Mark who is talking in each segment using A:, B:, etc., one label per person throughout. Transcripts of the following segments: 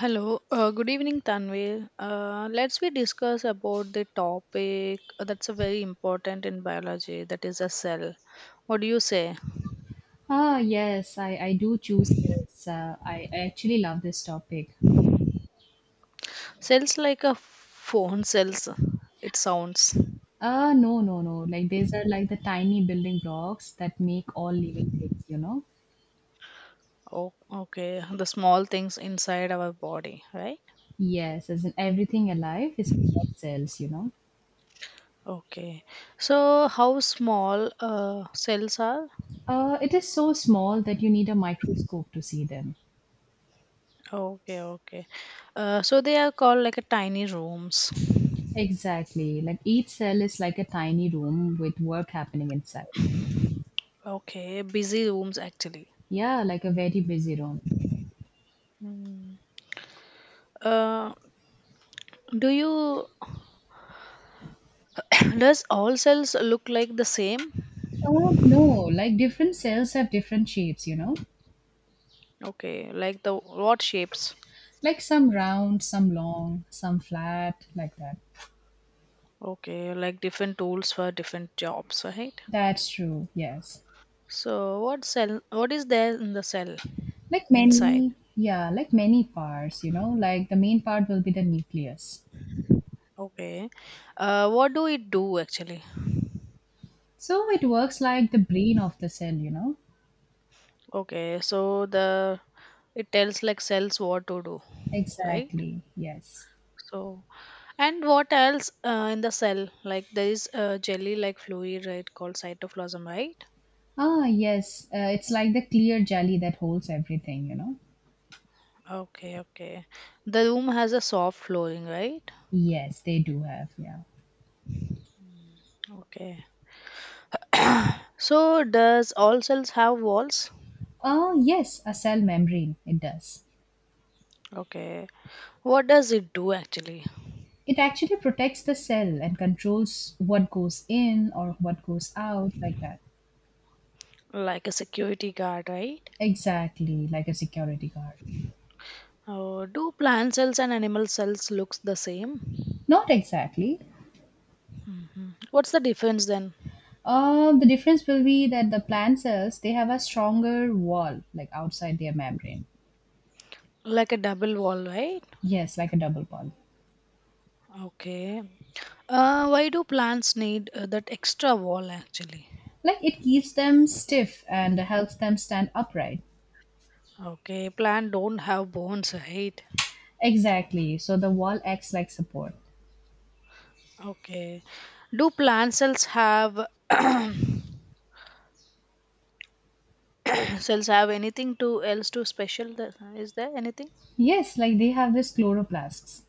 A: Hello, good evening, Tanvir. Let's we discuss about the topic that's a very important in biology. That is a cell. What do you say?
B: Yes, I do choose this. I actually love this topic.
A: Cells like a phone cells. It sounds.
B: No, no, no. Like, these are like the tiny building blocks that make all living things, you know?
A: Oh, okay. The small things inside our body, right?
B: Yes, as in everything alive is made of cells, you know?
A: Okay. So how small cells are?
B: It is so small that you need a microscope to see them.
A: Okay, okay. So they are called like a tiny rooms.
B: Exactly. Like, each cell is like a tiny room with work happening inside.
A: Okay, busy rooms actually.
B: Yeah, like a very busy room.
A: Hmm. Uh, Do you does all cells look like the same?
B: Oh, no, like different cells have different shapes, you know?
A: Okay, like the what shapes?
B: Like some round, some long, some flat, like that.
A: Okay, like different tools for different jobs, right?
B: That's true, yes.
A: So what is there in the cell
B: Like
A: inside?
B: many, yeah, like many parts, you know, like the main part will be the nucleus.
A: Okay. What do it do actually?
B: So it works like the brain of the cell, you know?
A: Okay, so the it tells like cells what to do, right?
B: Exactly, yes.
A: So, and what else in the cell? Like there is a jelly-like fluid, right, called cytoplasm, right?
B: Yes, it's like the clear jelly that holds everything, you know?
A: Okay, okay. The room has a soft flooring, right?
B: Yes, they do have, yeah.
A: Mm, okay. So, does all cells have walls?
B: Oh, yes, a cell membrane, it does.
A: Okay. What does it do actually?
B: It actually protects the cell and controls what goes in or what goes out, like that.
A: Like a security guard, right?
B: Exactly, like a security guard.
A: Oh, do plant cells and animal cells looks the same?
B: Not exactly.
A: What's the difference then?
B: The difference will be that the plant cells they have a stronger wall, like outside their membrane.
A: Like a double wall, right?
B: Yes, like a double bond.
A: Okay. Why do plants need that extra wall actually?
B: Like it keeps them stiff and helps them stand upright.
A: Okay, plant don't have bones, right?
B: Exactly. So the wall acts like support.
A: Okay. Do plant cells have cells have anything to else to special that, is there anything?
B: Yes, like they have this chloroplasts.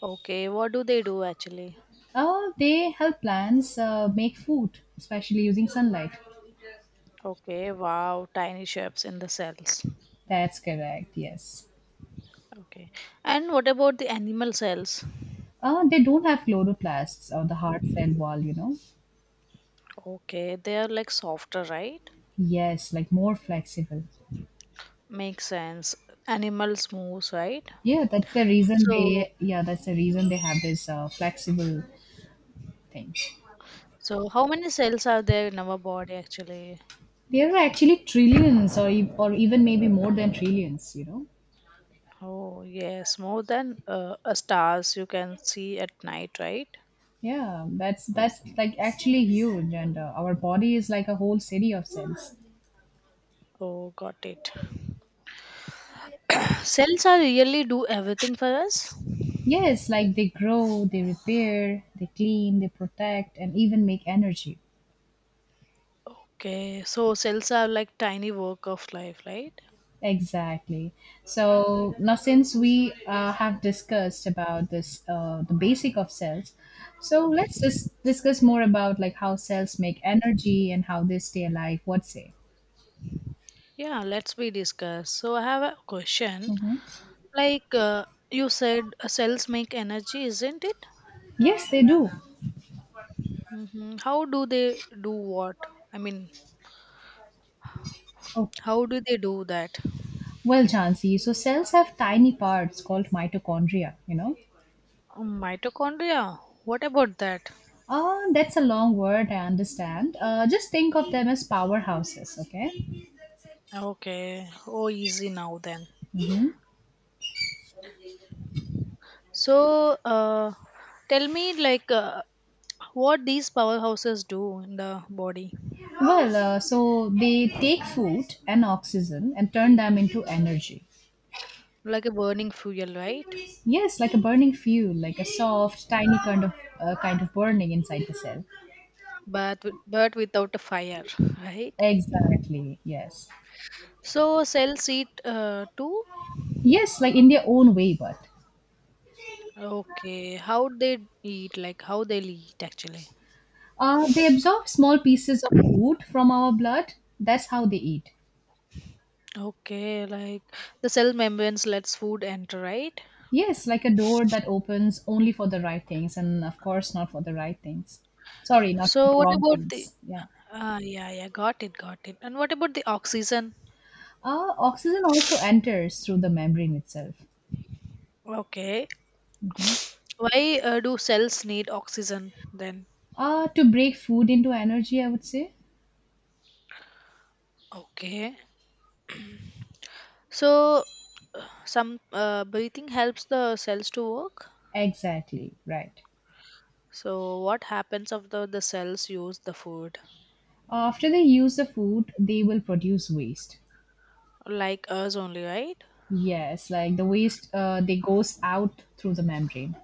A: Okay, what do they do actually?
B: Oh, they help plants make food, especially using sunlight.
A: Okay, wow, tiny shapes in the cells.
B: That's correct. Yes.
A: Okay. And what about the animal cells?
B: They don't have chloroplasts or the hard cell wall, you know.
A: Okay, they are like softer, right?
B: Yes, like more flexible.
A: Makes sense. Animals moves, right?
B: Yeah,
A: So
B: that's the reason they have this flexible thing.
A: So, how many cells are there in our body actually?
B: There are actually trillions or even maybe more than trillions, you know.
A: Oh, yes, more than a stars you can see at night, right?
B: Yeah, that's like actually huge and our body is like a whole city of cells.
A: Oh, got it. Cells are really do everything for us.
B: Yes, like they grow, they repair, they clean, they protect and even make energy.
A: Okay, so cells are like tiny work of life, right?
B: Exactly. So now, since we have discussed about this, the basic of cells, so let's just discuss more about like how cells make energy and how they stay alive. What say?
A: Yeah, let's be discussed. So, I have a question.
B: Hmm.
A: Like you said, cells make energy, isn't it?
B: Yes, they do.
A: How do they do what? I mean,
B: Okay.
A: how do they do that?
B: Well, Jansi, so cells have tiny parts called mitochondria, you know.
A: Mitochondria. What about that?
B: That's a long word, I understand. Just think of them as powerhouses, okay?
A: Okay. Oh, easy now then.
B: Mhm.
A: So, tell me, like, what these powerhouses do in the body?
B: So they take food and oxygen and turn them into energy.
A: Like a burning fuel, right?
B: Yes, like a burning fuel, like a soft, tiny kind of burning inside the cell.
A: But but without a fire, right?
B: Exactly. Yes.
A: So cells eat too.
B: Yes, like in their own way, but
A: Okay, how they eat? Like how they eat actually?
B: they absorb small pieces of food from our blood. That's how they eat.
A: Okay, like the cell membranes lets food enter, right?
B: Yes, like a door that opens only for the right things, and of course not for the right things. Sorry, not for
A: So
B: the
A: what
B: wrong
A: about the?
B: things. Yeah.
A: Ah, yeah, yeah, got it, got it. And what about the oxygen?
B: Oxygen also enters through the membrane itself.
A: Okay,
B: Mm-hmm.
A: why do cells need oxygen then?
B: To break food into energy, I would say.
A: Okay. So some breathing helps the cells to work.
B: Exactly. Right.
A: So what happens after the cells use the food?
B: After they use the food, they will produce waste.
A: Like us only, right?
B: Yes, like the waste, they goes out through the membrane.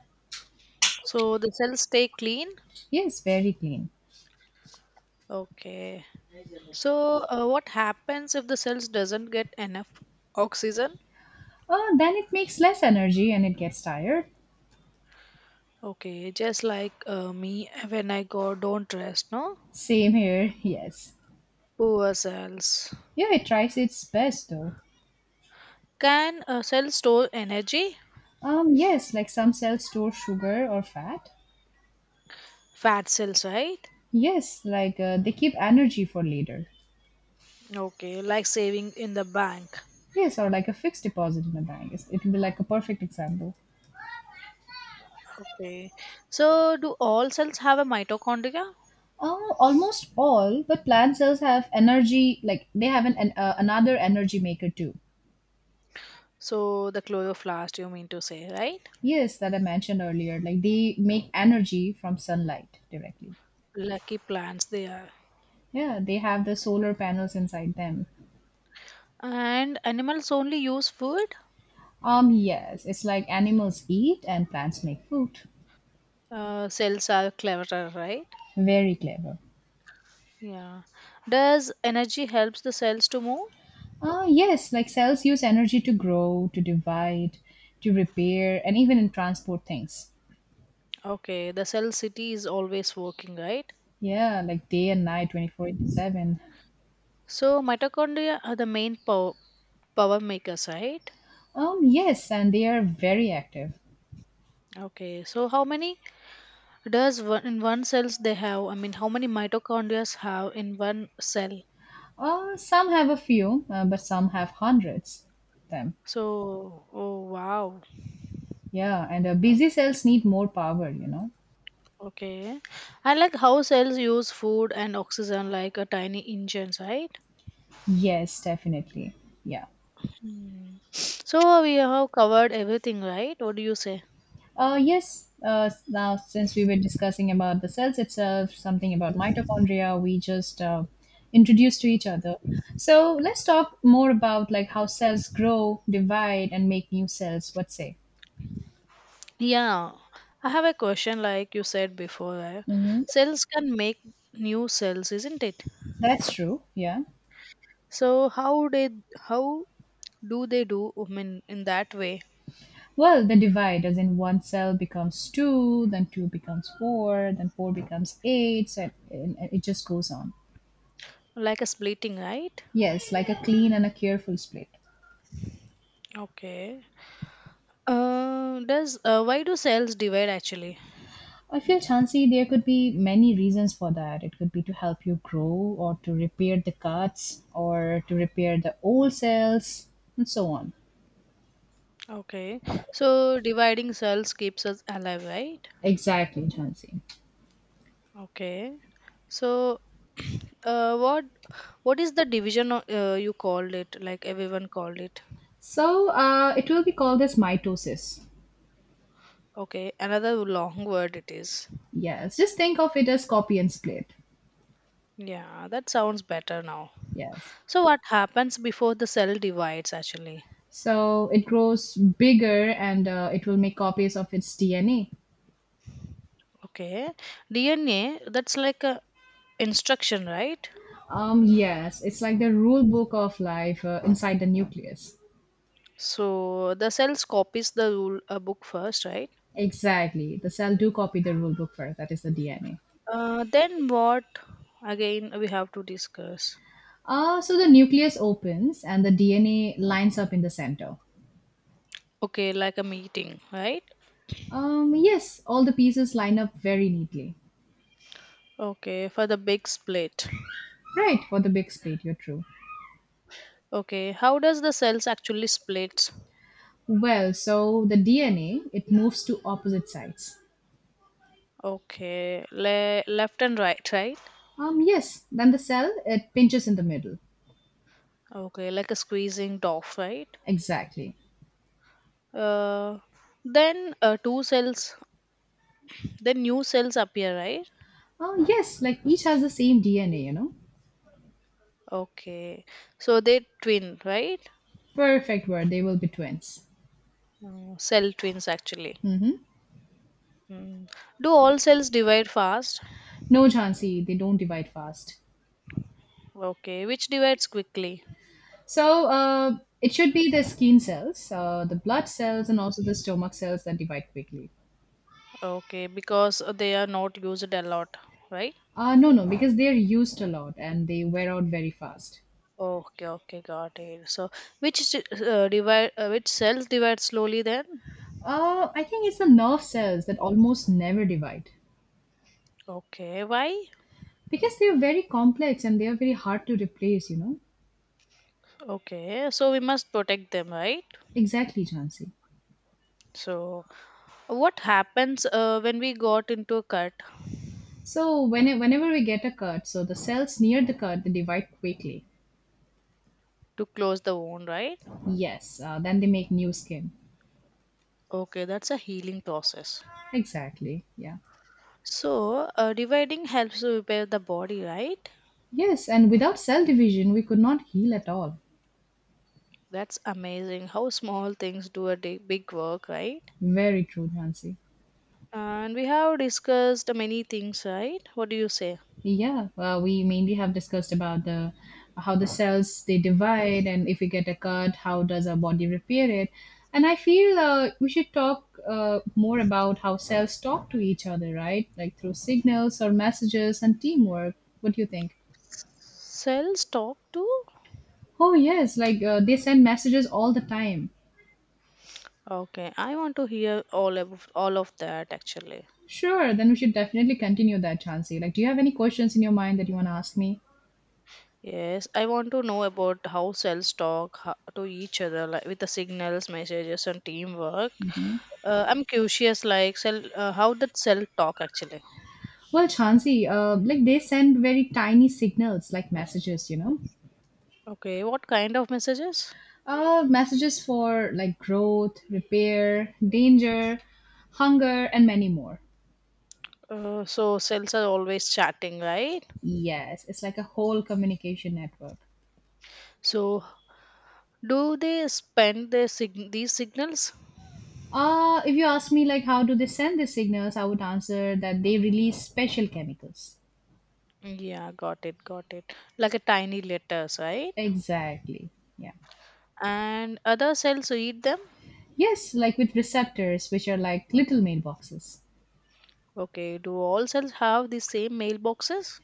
A: So the cells stay clean.
B: Yes, very clean.
A: Okay. So what happens if the cells doesn't get enough oxygen?
B: Then it makes less energy and it gets tired.
A: Okay, just like me when I go don't rest, no?
B: Same here, yes.
A: Poor cells.
B: Yeah, it tries its best though.
A: Can cells store energy?
B: Yes, like some cells store sugar or fat.
A: Fat cells, right?
B: Yes, like they keep energy for later.
A: Okay, like saving in the bank.
B: Yes, or like a fixed deposit in a bank. It will be like a perfect example.
A: Okay. So, do all cells have a mitochondria?
B: Almost all, but plant cells have energy, like they have an another energy maker too.
A: So, the chloroplast, you mean to say, right?
B: Yes, that I mentioned earlier. Like they make energy from sunlight directly.
A: Lucky plants they are.
B: Yeah, they have the solar panels inside them.
A: And animals only use food?
B: Yes, it's like animals eat and plants make food.
A: Cells are cleverer, right?
B: Very clever.
A: Yeah. Does energy helps the cells to move?
B: Yes, like cells use energy to grow, to divide, to repair, and even in transport things.
A: Okay, the cell city is always working, right?
B: Yeah, like day and night, 24 into 7.
A: So, mitochondria are the main power makers, right?
B: Yes, and they are very active.
A: Okay, so how many does one in one cells they have, I mean, how many mitochondria have in one cell?
B: Some have a few, but some have hundreds of them.
A: So, oh, wow.
B: Yeah, and busy cells need more power, you know.
A: Okay, I like how cells use food and oxygen like a tiny engines, right?
B: Yes, definitely. Yeah.
A: Hmm. So we have covered everything, right? What do you say?
B: Yes, now since we were discussing about the cells itself, something about mitochondria, we just introduced to each other. So let's talk more about like how cells grow, divide, and make new cells. What say?
A: Yeah, I have a question. Like, you said before, eh?
B: Mm-hmm.
A: Cells can make new cells, isn't it?
B: That's true. Yeah.
A: So how do they do, I mean, in that way?
B: Well, the divide, as in one cell becomes two, then two becomes four, then four becomes eight, and it just goes on.
A: Like a splitting, right?
B: Yes, like a clean and a careful split.
A: Okay. Does why do cells divide actually?
B: I feel, Chansey, there could be many reasons for that. It could be to help you grow, or to repair the cuts, or to repair the old cells, and so on.
A: Okay, so dividing cells keeps us alive, right?
B: Exactly, Chansey.
A: Okay, so uh, what what is the division you called it? Like everyone called it.
B: So it will be called as mitosis.
A: Okay, another long word it is.
B: Yes, just think of it as copy and split.
A: Yeah, that sounds better now.
B: Yes.
A: So what happens before the cell divides actually?
B: So it grows bigger and it will make copies of its DNA.
A: Okay, DNA that's like a instruction, right?
B: Yes, it's like the rule book of life inside the nucleus.
A: So the cells copies the rule a book first, right?
B: Exactly. The cell do copy the rule book first, that is the DNA.
A: Then what again we have to discuss?
B: So the nucleus opens and the DNA lines up in the center.
A: Okay, like a meeting, right?
B: Yes, all the pieces line up very neatly.
A: Okay, for the big split.
B: Right, for the big split, you're true.
A: Okay, how does the cells actually split?
B: Well, so the DNA, it moves to opposite sides.
A: Okay, left and right, right?
B: Yes, then the cell, it pinches in the middle.
A: Okay, like a squeezing dove, right?
B: Exactly.
A: Uh, then two cells, then new cells appear, right?
B: Oh, yes, like each has the same DNA, you know?
A: Okay, so they twin, right?
B: Perfect word, they will be twins.
A: Cell twins actually. Mm. Do all cells divide fast?
B: No, Jhansi, they don't divide fast.
A: Okay, which divides quickly?
B: So, it should be the skin cells, the blood cells, and also the stomach cells that divide quickly.
A: Okay, because they are not used a lot, right?
B: No, no, because they're used a lot and they wear out very fast.
A: Okay, okay, got it. So, which which cells divide slowly then?
B: I think it's the nerve cells that almost never divide
A: Okay, why?
B: because they are very complex and they are very hard to replace, you know?
A: Okay, so we must protect them, right?
B: Exactly, Jhansi.
A: So, what happens when we got into a cut
B: So, whenever we get a cut, so the cells near the cut, they divide quickly.
A: to close the wound, right?
B: Yes, then they make new skin.
A: Okay, that's a healing process.
B: Exactly, yeah.
A: So, dividing helps to repair the body, right?
B: Yes, and without cell division, we could not heal at all.
A: That's amazing. How small things do a big work, right?
B: Very true, Nancy.
A: And we have discussed many things, right? What do you say?
B: Yeah, well, we mainly have discussed about the how the cells they divide, and if we get a cut, how does our body repair it? And I feel we should talk more about how cells talk to each other, right? Like through signals or messages and teamwork. What do you think?
A: Cells talk to?
B: Oh yes, like they send messages all the time.
A: Okay, I want to hear all of that actually.
B: Sure, then we should definitely continue that, Chansey. Like, do you have any questions in your mind that you want to ask me?
A: Yes, I want to know about how cells talk to each other, like with the signals, messages, and teamwork.
B: Mhm.
A: I'm curious, like how did cell talk actually?
B: Well, Chansey, like they send very tiny signals, like messages, you know,
A: Okay, what kind of messages?
B: messages for like growth, repair, danger, hunger, and many more.
A: So cells are always chatting, right?
B: Yes, it's like a whole communication network.
A: So do they spend these signals.
B: If you ask me, like, how do they send these signals, I would answer that they release special chemicals.
A: Yeah, got it, got it. Like a tiny letters, right?
B: Exactly. Yeah.
A: And other cells eat them?
B: Yes, like with receptors, which are like little mailboxes.
A: Okay, do all cells have the same mailboxes?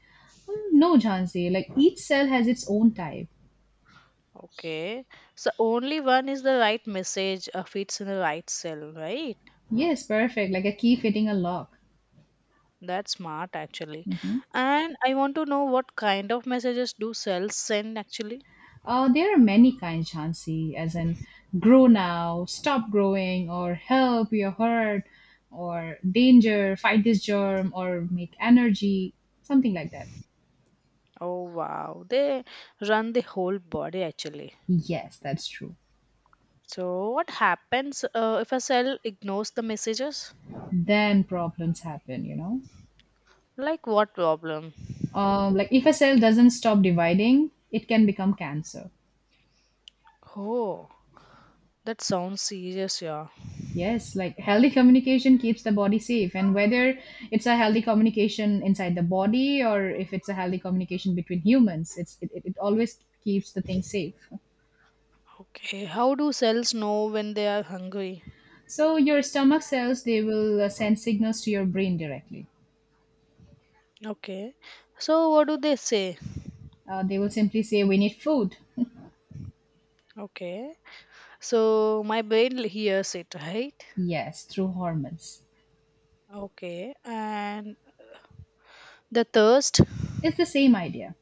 B: Mm, No, Jhansi, like each cell has its own type.
A: Okay, so only one is the right message fits in the right cell, right?
B: Yes, perfect, like a key fitting a lock.
A: That's smart actually.
B: Mhm.
A: And I want to know what kind of messages do cells send actually?
B: There are many kinds, Jhansi, as in grow now, stop growing, or help, you're hurt, or danger, fight this germ, or make energy, something like that.
A: Oh, wow, they run the whole body actually.
B: Yes, that's true.
A: So what happens if a cell ignores the messages?
B: Then problems happen, you know.
A: Like what problem?
B: Like if a cell doesn't stop dividing, it can become cancer.
A: Oh, that sounds serious, yeah.
B: Yes, like healthy communication keeps the body safe. And whether it's a healthy communication inside the body or if it's a healthy communication between humans, it's, it always keeps the thing safe.
A: Okay, how do cells know when they are hungry?
B: So your stomach cells, they will send signals to your brain directly.
A: Okay, so what do they say?
B: They will simply say, we need food.
A: Okay, so my brain hears it, right?
B: Yes, through hormones.
A: Okay, and the thirst.
B: It's the same idea.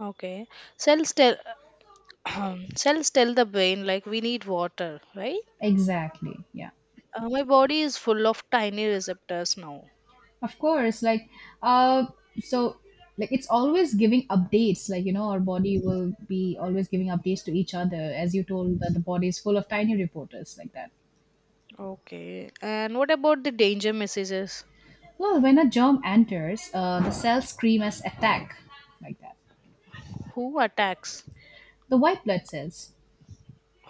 A: Okay, cells tell cells tell the brain like we need water, right?
B: Exactly. Yeah.
A: My body is full of tiny receptors now.
B: Of course, like uh so like it's always giving updates, like you know our body will be always giving updates to each other, as you told that the body is full of tiny reporters, like that.
A: Okay, and what about the danger messages?
B: Well, when a germ enters, the cells scream as attack, like that.
A: Who attacks?
B: The white blood cells,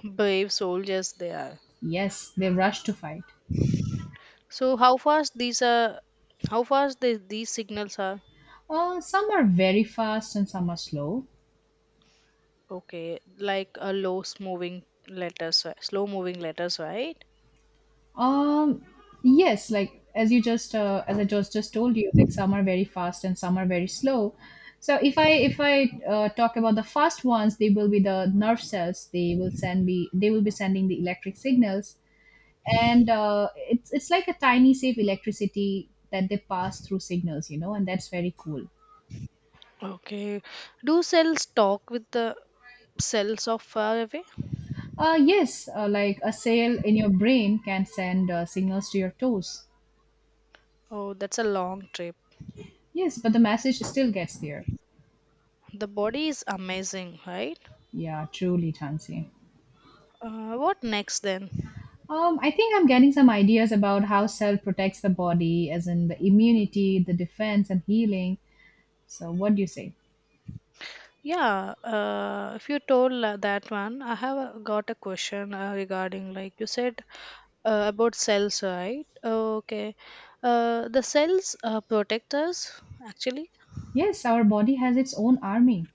A: Brave soldiers they are.
B: yes, they rush to fight.
A: So how fast these are? How fast these signals are?
B: Some are very fast and some are slow.
A: Okay, like a low moving letters, ri- slow moving letters, right?
B: Um, yes, like as you just as I just told you, like some are very fast and some are very slow. So if I talk about the fast ones, they will be the nerve cells. They will send me. They will be sending the electric signals, and it's like a tiny safe electricity that they pass through signals, you know, and that's very cool.
A: Okay. Do cells talk with the cells of far away?
B: Yes, like a cell in your brain can send signals to your toes.
A: Oh, that's a long trip.
B: Yes, but the message still gets there.
A: The body is amazing, right?
B: Yeah, truly, Tansi.
A: What next then?
B: I think I'm getting some ideas about how cell protects the body, as in the immunity, the defense, and healing. So, what do you say?
A: Yeah, if you told that one, I have got a question regarding like you said about cells, right? Okay, the cells protect us actually.
B: Yes, our body has its own army.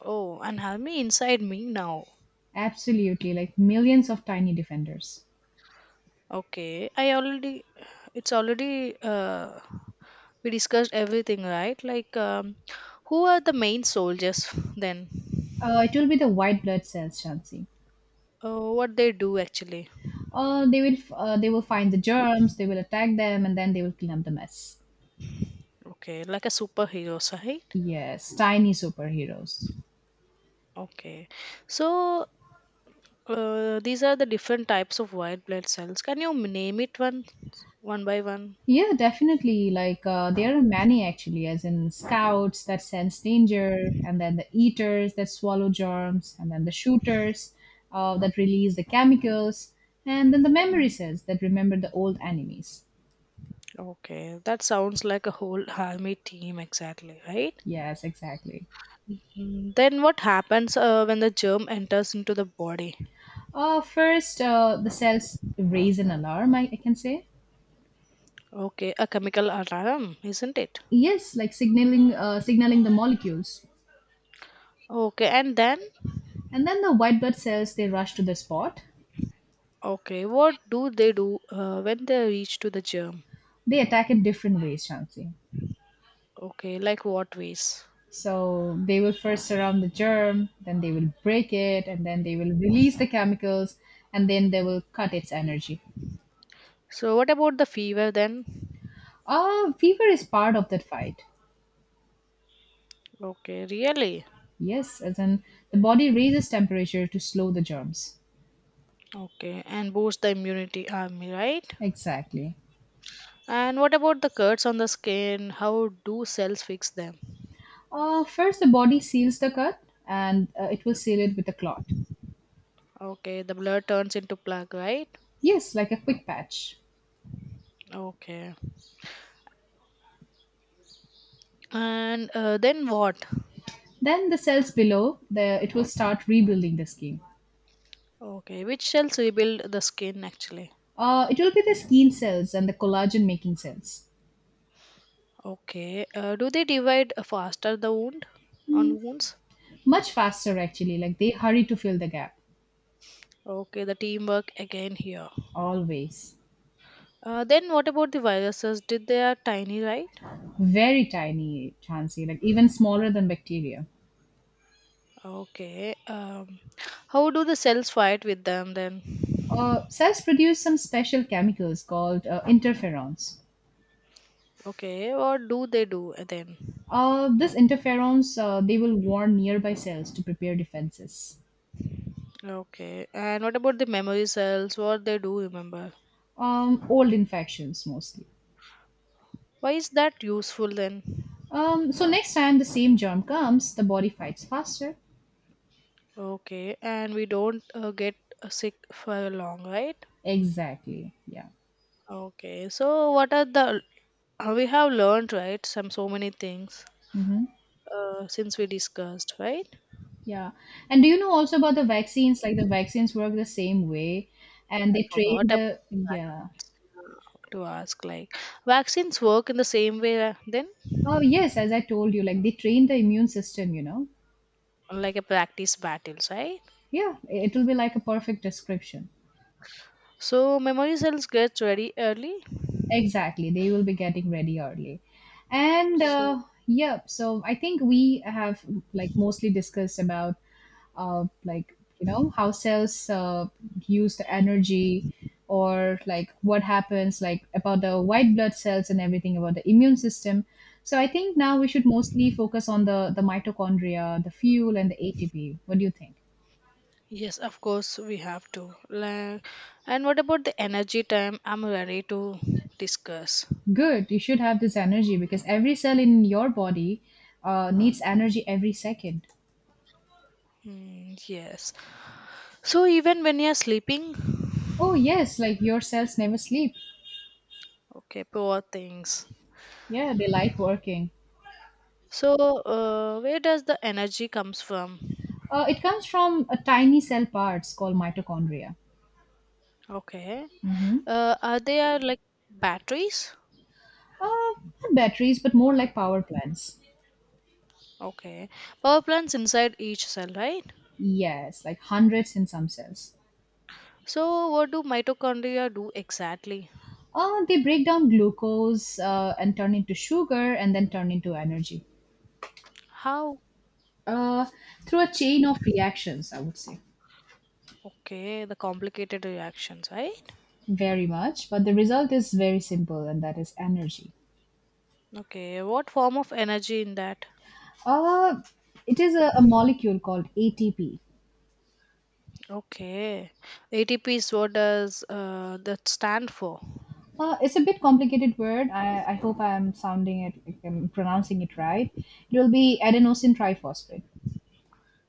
A: Oh, and have me inside me now.
B: Absolutely, like millions of tiny defenders.
A: Okay, it's already we discussed everything, right? Like, who are the main soldiers then?
B: It will be the white blood cells, Chansey.
A: What they do actually?
B: They will, they will find the germs, they will attack them, and then they will clean up the mess.
A: Okay, like a superheroes, right?
B: Yes, tiny superheroes.
A: Okay, so these are the different types of white blood cells. Can you name it one by one?
B: Yeah, definitely. Like there are many actually, as in scouts that sense danger, and then the eaters that swallow germs, and then the shooters that release the chemicals, and then the memory
A: Mm.
B: cells that remember the old enemies.
A: Okay, that sounds like a whole army team, exactly, right?
B: Yes, exactly.
A: Mhm. Then what happens when the germ enters into the body?
B: First, the cells raise an alarm. I can say
A: Okay, a chemical alarm, isn't it?
B: yes, like signaling, signaling the molecules,
A: Okay, and then
B: and then the white blood cells they rush to the spot.
A: okay, what do they do when they reach to the germ?
B: They attack in different ways, Chansey.
A: Okay, like what ways?
B: So they will first surround the germ, then they will break it, and then they will release the chemicals, and then they will cut its energy.
A: So what about the fever then?
B: Fever is part of that fight.
A: Okay, really?
B: Yes, as in the body raises temperature to slow the germs.
A: Okay, and boost the immunity army, right?
B: Exactly.
A: And what about the cuts on the skin? How do cells fix them?
B: First, the body seals the cut and it will seal it with a clot.
A: Okay, the blood turns into plaque, right?
B: Yes, like a quick patch.
A: Okay. And then what?
B: Then the cells below, the, it will start rebuilding the skin.
A: Okay, which cells rebuild the skin actually?
B: It will be the skin cells and the collagen making cells.
A: Okay, do they divide faster the wound on wounds?
B: Much faster, actually. Like they hurry to fill the gap,
A: Okay, the teamwork again here.
B: always.
A: Then what about the viruses? Did they are tiny, right?
B: Very tiny, Chansey, like even smaller than bacteria.
A: Okay. How do the cells fight with them then?
B: Cells produce some special chemicals called interferons.
A: Okay, what do they do then?
B: This interferons they will warn nearby cells to prepare defenses.
A: Okay. And what about the memory cells? What they do remember?
B: Old infections mostly.
A: Why is that useful then?
B: So next time the same germ comes, the body fights faster.
A: Okay. And we don't get sick for long, right?
B: Exactly. Yeah.
A: Okay. So what are the we have learned, right? Some so many things
B: Mhm.
A: since we discussed, right?
B: Yeah. And do you know also about the vaccines? Like the vaccines work the same way and
A: I
B: they train
A: forgot about
B: the, yeah.
A: vaccines to ask. Like vaccines work in the same way then,
B: Oh, yes, as I told you, like they train the immune system, you know.
A: like a practice battles, right?
B: Yeah, it will be like a perfect description.
A: So memory cells get ready early.
B: Exactly, they will be getting ready early. And
A: So.
B: yep, so I think we have like mostly discussed about like you know how cells use the energy or like what happens like about the white blood cells and everything about the immune system. So I think now we should mostly focus on the mitochondria, the fuel and the ATP. What do you think?
A: Yes, of course we have to. Like, and what about the energy time? I'm ready to discuss.
B: Good, you should have this energy because every cell in your body needs energy every second.
A: Hmm, yes. So even when you're sleeping,
B: Oh, yes, like your cells never sleep.
A: okay, poor things.
B: Yeah, they like working.
A: So where does the energy comes from?
B: It comes from a tiny cell parts called mitochondria.
A: Okay.
B: Hmm.
A: Are there like batteries?
B: Uh, Not batteries, but more like power plants.
A: Okay. Power plants inside each cell, right?
B: Yes, like hundreds in some cells.
A: So what do mitochondria do exactly?
B: They break down glucose and turn into sugar and then turn into energy
A: How?
B: uh, through a chain of reactions, I would say.
A: Okay, the complicated reactions, right?
B: Very much, but the result is very simple, and that is energy.
A: Okay, what form of energy in that?
B: Uh, it is a molecule called ATP.
A: Okay, ATP is what does that stand for?
B: It's a bit complicated word. I hope I'm sounding it, like I'm pronouncing it right. It will be adenosine triphosphate.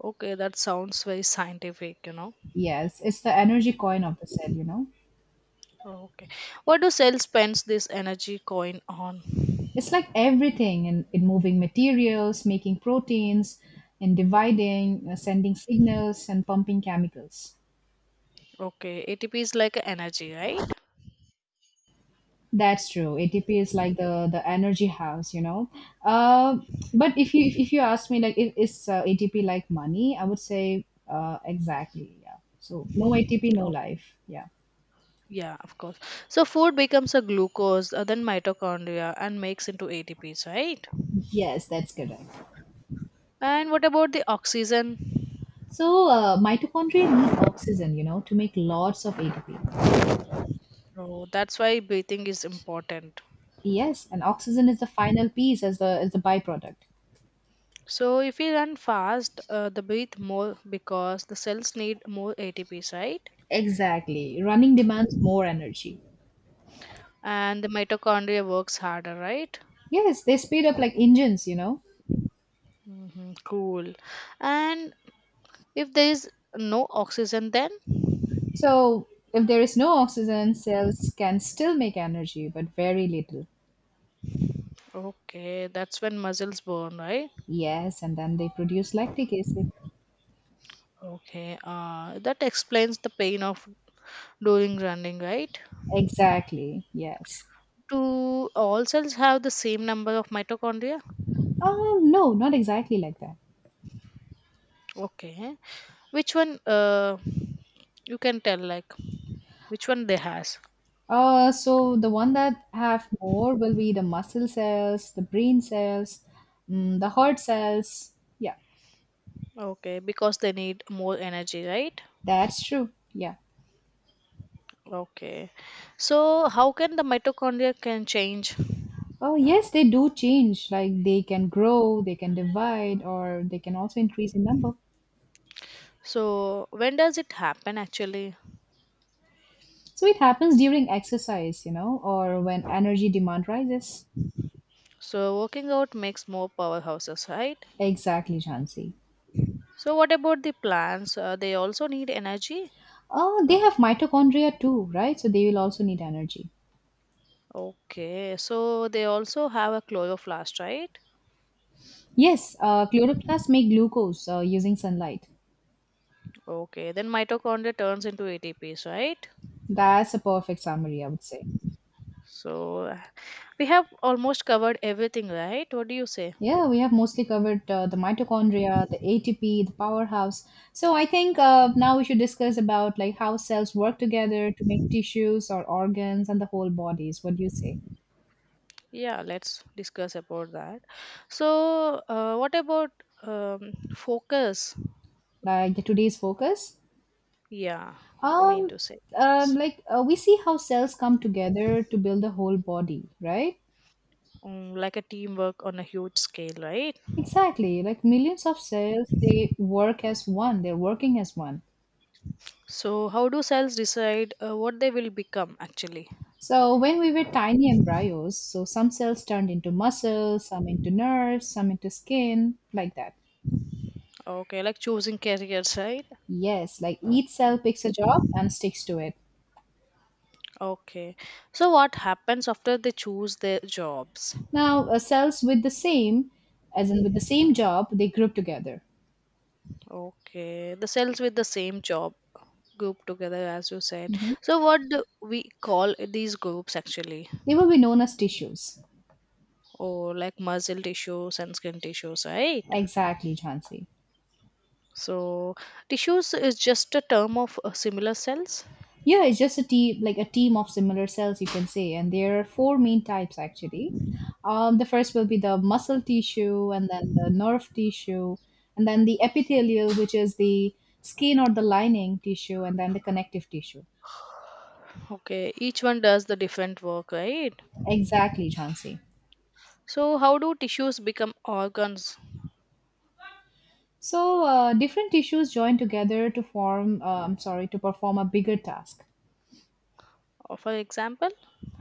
A: Okay, that sounds very scientific.
B: Yes, it's the energy coin of the cell, you know.
A: Okay, what do cells spends this energy coin on?
B: It's like everything in moving materials, making proteins, in dividing, sending signals, and pumping chemicals.
A: Okay, ATP is like a energy, right?
B: That's true. ATP is like the energy house, you know. Uh, but if you ask me like is ATP like money, I would say exactly yeah. So no ATP, no
A: Okay,
B: life. Yeah.
A: yeah, of course. So food becomes a glucose, then mitochondria, and makes into ATPs, right?
B: Yes, that's correct.
A: And what about the oxygen?
B: So, mitochondria need oxygen, you know, to make lots of ATP.
A: Oh, that's why breathing is important.
B: Yes, and oxygen is the final piece as the byproduct.
A: So if we run fast, they breathe more because the cells need more ATPs, right?
B: Exactly. Running demands more energy.
A: And the mitochondria works harder, right?
B: Yes, they speed up like engines, you know.
A: Cool. And if there is no oxygen, then
B: So, if there is no oxygen, cells can still make energy, but very little.
A: okay, that's when muscles burn, right?
B: Yes, and then they produce lactic acid.
A: Okay, that explains the pain of during running, right?
B: Exactly. Yes.
A: Do all cells have the same number of mitochondria?
B: No, not exactly like that.
A: Okay, which one? You can tell like which one they has.
B: So the one that have more will be the muscle cells, the brain cells, mm, the heart cells. Yeah,
A: Okay, because they need more energy, right?
B: that's true. Yeah.
A: Okay. So how can the mitochondria can change?
B: Oh, yes, they do change. Like they can grow, they can divide, or they can also increase in number.
A: So when does it happen actually?
B: So it happens during exercise, you know, or when energy demand rises.
A: So working out makes more powerhouses, right?
B: Exactly, Jansi.
A: So what about the plants? They also need energy.
B: Oh, they have mitochondria too, right? So they will also need energy.
A: Okay, so they also have a chloroplast, right?
B: Yes, chloroplasts make glucose using sunlight.
A: Okay, then mitochondria turns into ATPs, right?
B: That's a perfect summary, I would say.
A: So we have almost covered everything, right? What do you say?
B: Yeah, we have mostly covered the mitochondria, the ATP, the powerhouse. So I think now we should discuss about like how cells work together to make tissues or organs and the whole bodies. What do you say?
A: Yeah, let's discuss about that. So, what about focus?
B: Like the today's focus?
A: Yeah, I mean
B: Um,
A: to say,
B: like we see how cells come together to build the whole body, right?
A: like a teamwork on a huge scale, right?
B: Exactly. Like millions of cells, they work as one. They're working as one.
A: So, how do cells decide what they will become actually?
B: So when we were tiny embryos, so some cells turned into muscles, some into nerves, some into skin, like that.
A: Okay, like choosing careers, right?
B: Yes, like each cell picks a job and sticks to it.
A: Okay. So, what happens after they choose their jobs?
B: Now, cells with the same, as in with the same job, they group together.
A: Okay, the cells with the same job group together, as you said.
B: Mhm.
A: So, what do we call these groups actually?
B: They will be known as tissues.
A: Or like muscle tissues and skin tissues, right?
B: Exactly, Jhansi.
A: So, tissues is just a term of similar cells.
B: Yeah, it's just a team, like a team of similar cells, you can say. And there are four main types actually. The first will be the muscle tissue, and then the nerve tissue, and then the epithelial, which is the skin or the lining tissue, and then the connective tissue.
A: Okay, each one does the different work, right?
B: Exactly, Jhansi.
A: So, how do tissues become organs?
B: So different tissues join together to form, I'm sorry, to perform a bigger task.
A: For example,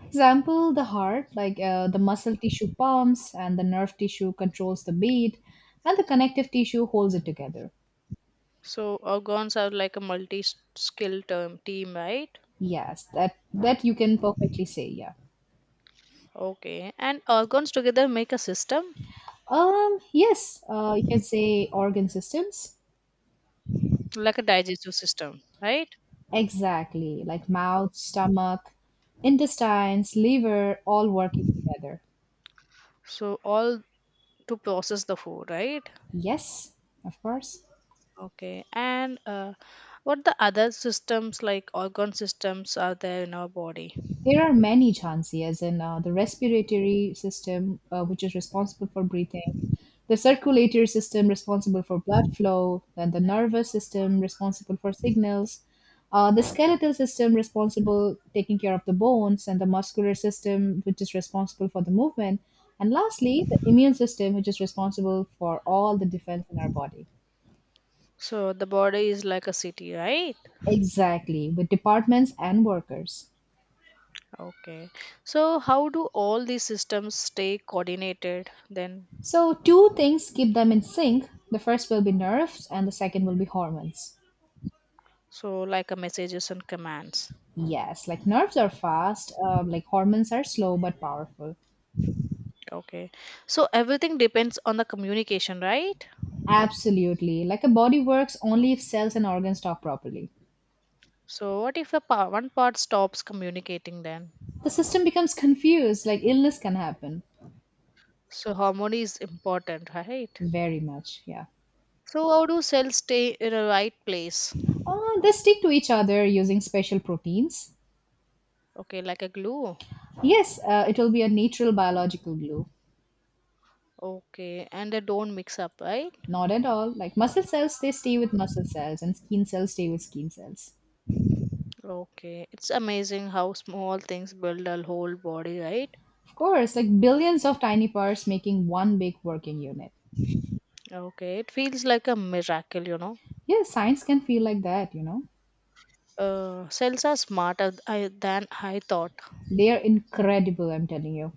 B: Example, the heart, like the muscle tissue pumps, and the nerve tissue controls the beat, and the connective tissue holds it together.
A: so organs are like a multi skill term team, right?
B: Yes, that you can perfectly say, yeah.
A: Okay, and organs together make a system
B: Yes, you can say organ systems.
A: like a digestive system, right?
B: Exactly, like mouth, stomach, intestines, liver, all working together.
A: So, all to process the food, right?
B: Yes, of course.
A: Okay, and what the other systems like organ systems are there in our body?
B: There are many, Jhansi, as in the respiratory system, which is responsible for breathing, the circulatory system responsible for blood flow, then the nervous system responsible for signals, the skeletal system responsible taking care of the bones, and the muscular system which is responsible for the movement, and lastly the immune system which is responsible for all the defense in our body.
A: So the body is like a city, right?
B: Exactly, with departments and workers.
A: Okay. So how do all these systems stay coordinated then?
B: So, two things keep them in sync. The first will be nerves, and the second will be hormones.
A: So like a messages and commands.
B: Yes, like nerves are fast, like hormones are slow but powerful.
A: Okay. So everything depends on the communication, right?
B: Absolutely. Like a body works only if cells and organs talk properly.
A: So what if the one part stops communicating then?
B: The system becomes confused, like illness can happen.
A: So harmony is important, right?
B: Very much, yeah.
A: So how do cells stay in a right place?
B: They stick to each other using special proteins.
A: Okay, like a glue.
B: Yes, it will be a natural biological glue.
A: Okay, and they don't mix up, right?
B: Not at all. Like muscle cells, they stay with muscle cells, and skin cells stay with skin cells.
A: Okay, it's amazing how small things build a whole body, right?
B: Of course, like billions of tiny parts making one big working unit.
A: Okay, it feels like a miracle.
B: Yes, science can feel like that, you know.
A: Cells are smarter than I thought.
B: They are incredible, I'm telling you.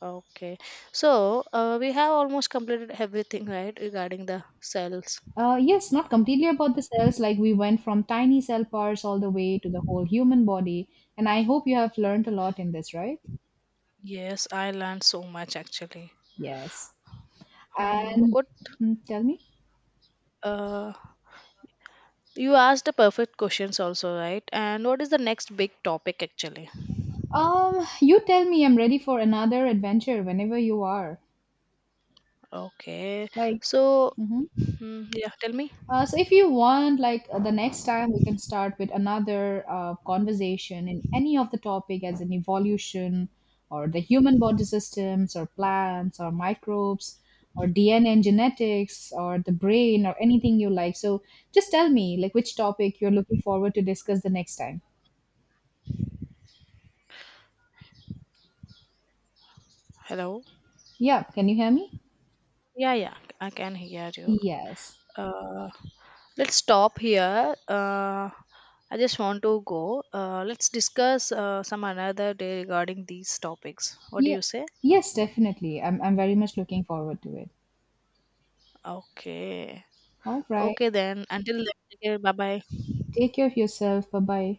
A: Okay, so we have almost completed everything, right, regarding the cells.
B: Yes, not completely about the cells, like we went from tiny cell parts all the way to the whole human body. And I hope you have learned a lot in this, right?
A: Yes, I learned so much actually.
B: Yes. And
A: What
B: hmm, tell me.
A: uh, you asked the perfect questions also, right? And what is the next big topic actually?
B: You tell me I'm ready for another adventure whenever you are.
A: Okay.
B: Like,
A: So,
B: mhm.
A: hmm, yeah, tell me.
B: So if you want, like the next time, we can start with another conversation in any of the topic, as in evolution, or the human body systems, or plants, or microbes, or DNA and genetics, or the brain, or anything you like. So just tell me, like which topic you're looking forward to discuss the next time.
A: Hello.
B: Yeah, can you hear me?
A: Yeah, yeah, I can hear you.
B: Yes.
A: Uh, let's stop here. I just want to go. Let's discuss some another day regarding these topics. What do
B: Yeah.
A: you say?
B: Yes, definitely. I'm very much looking forward to it.
A: Okay.
B: All right.
A: Okay then. Until then, bye bye.
B: Take care of yourself. Bye bye.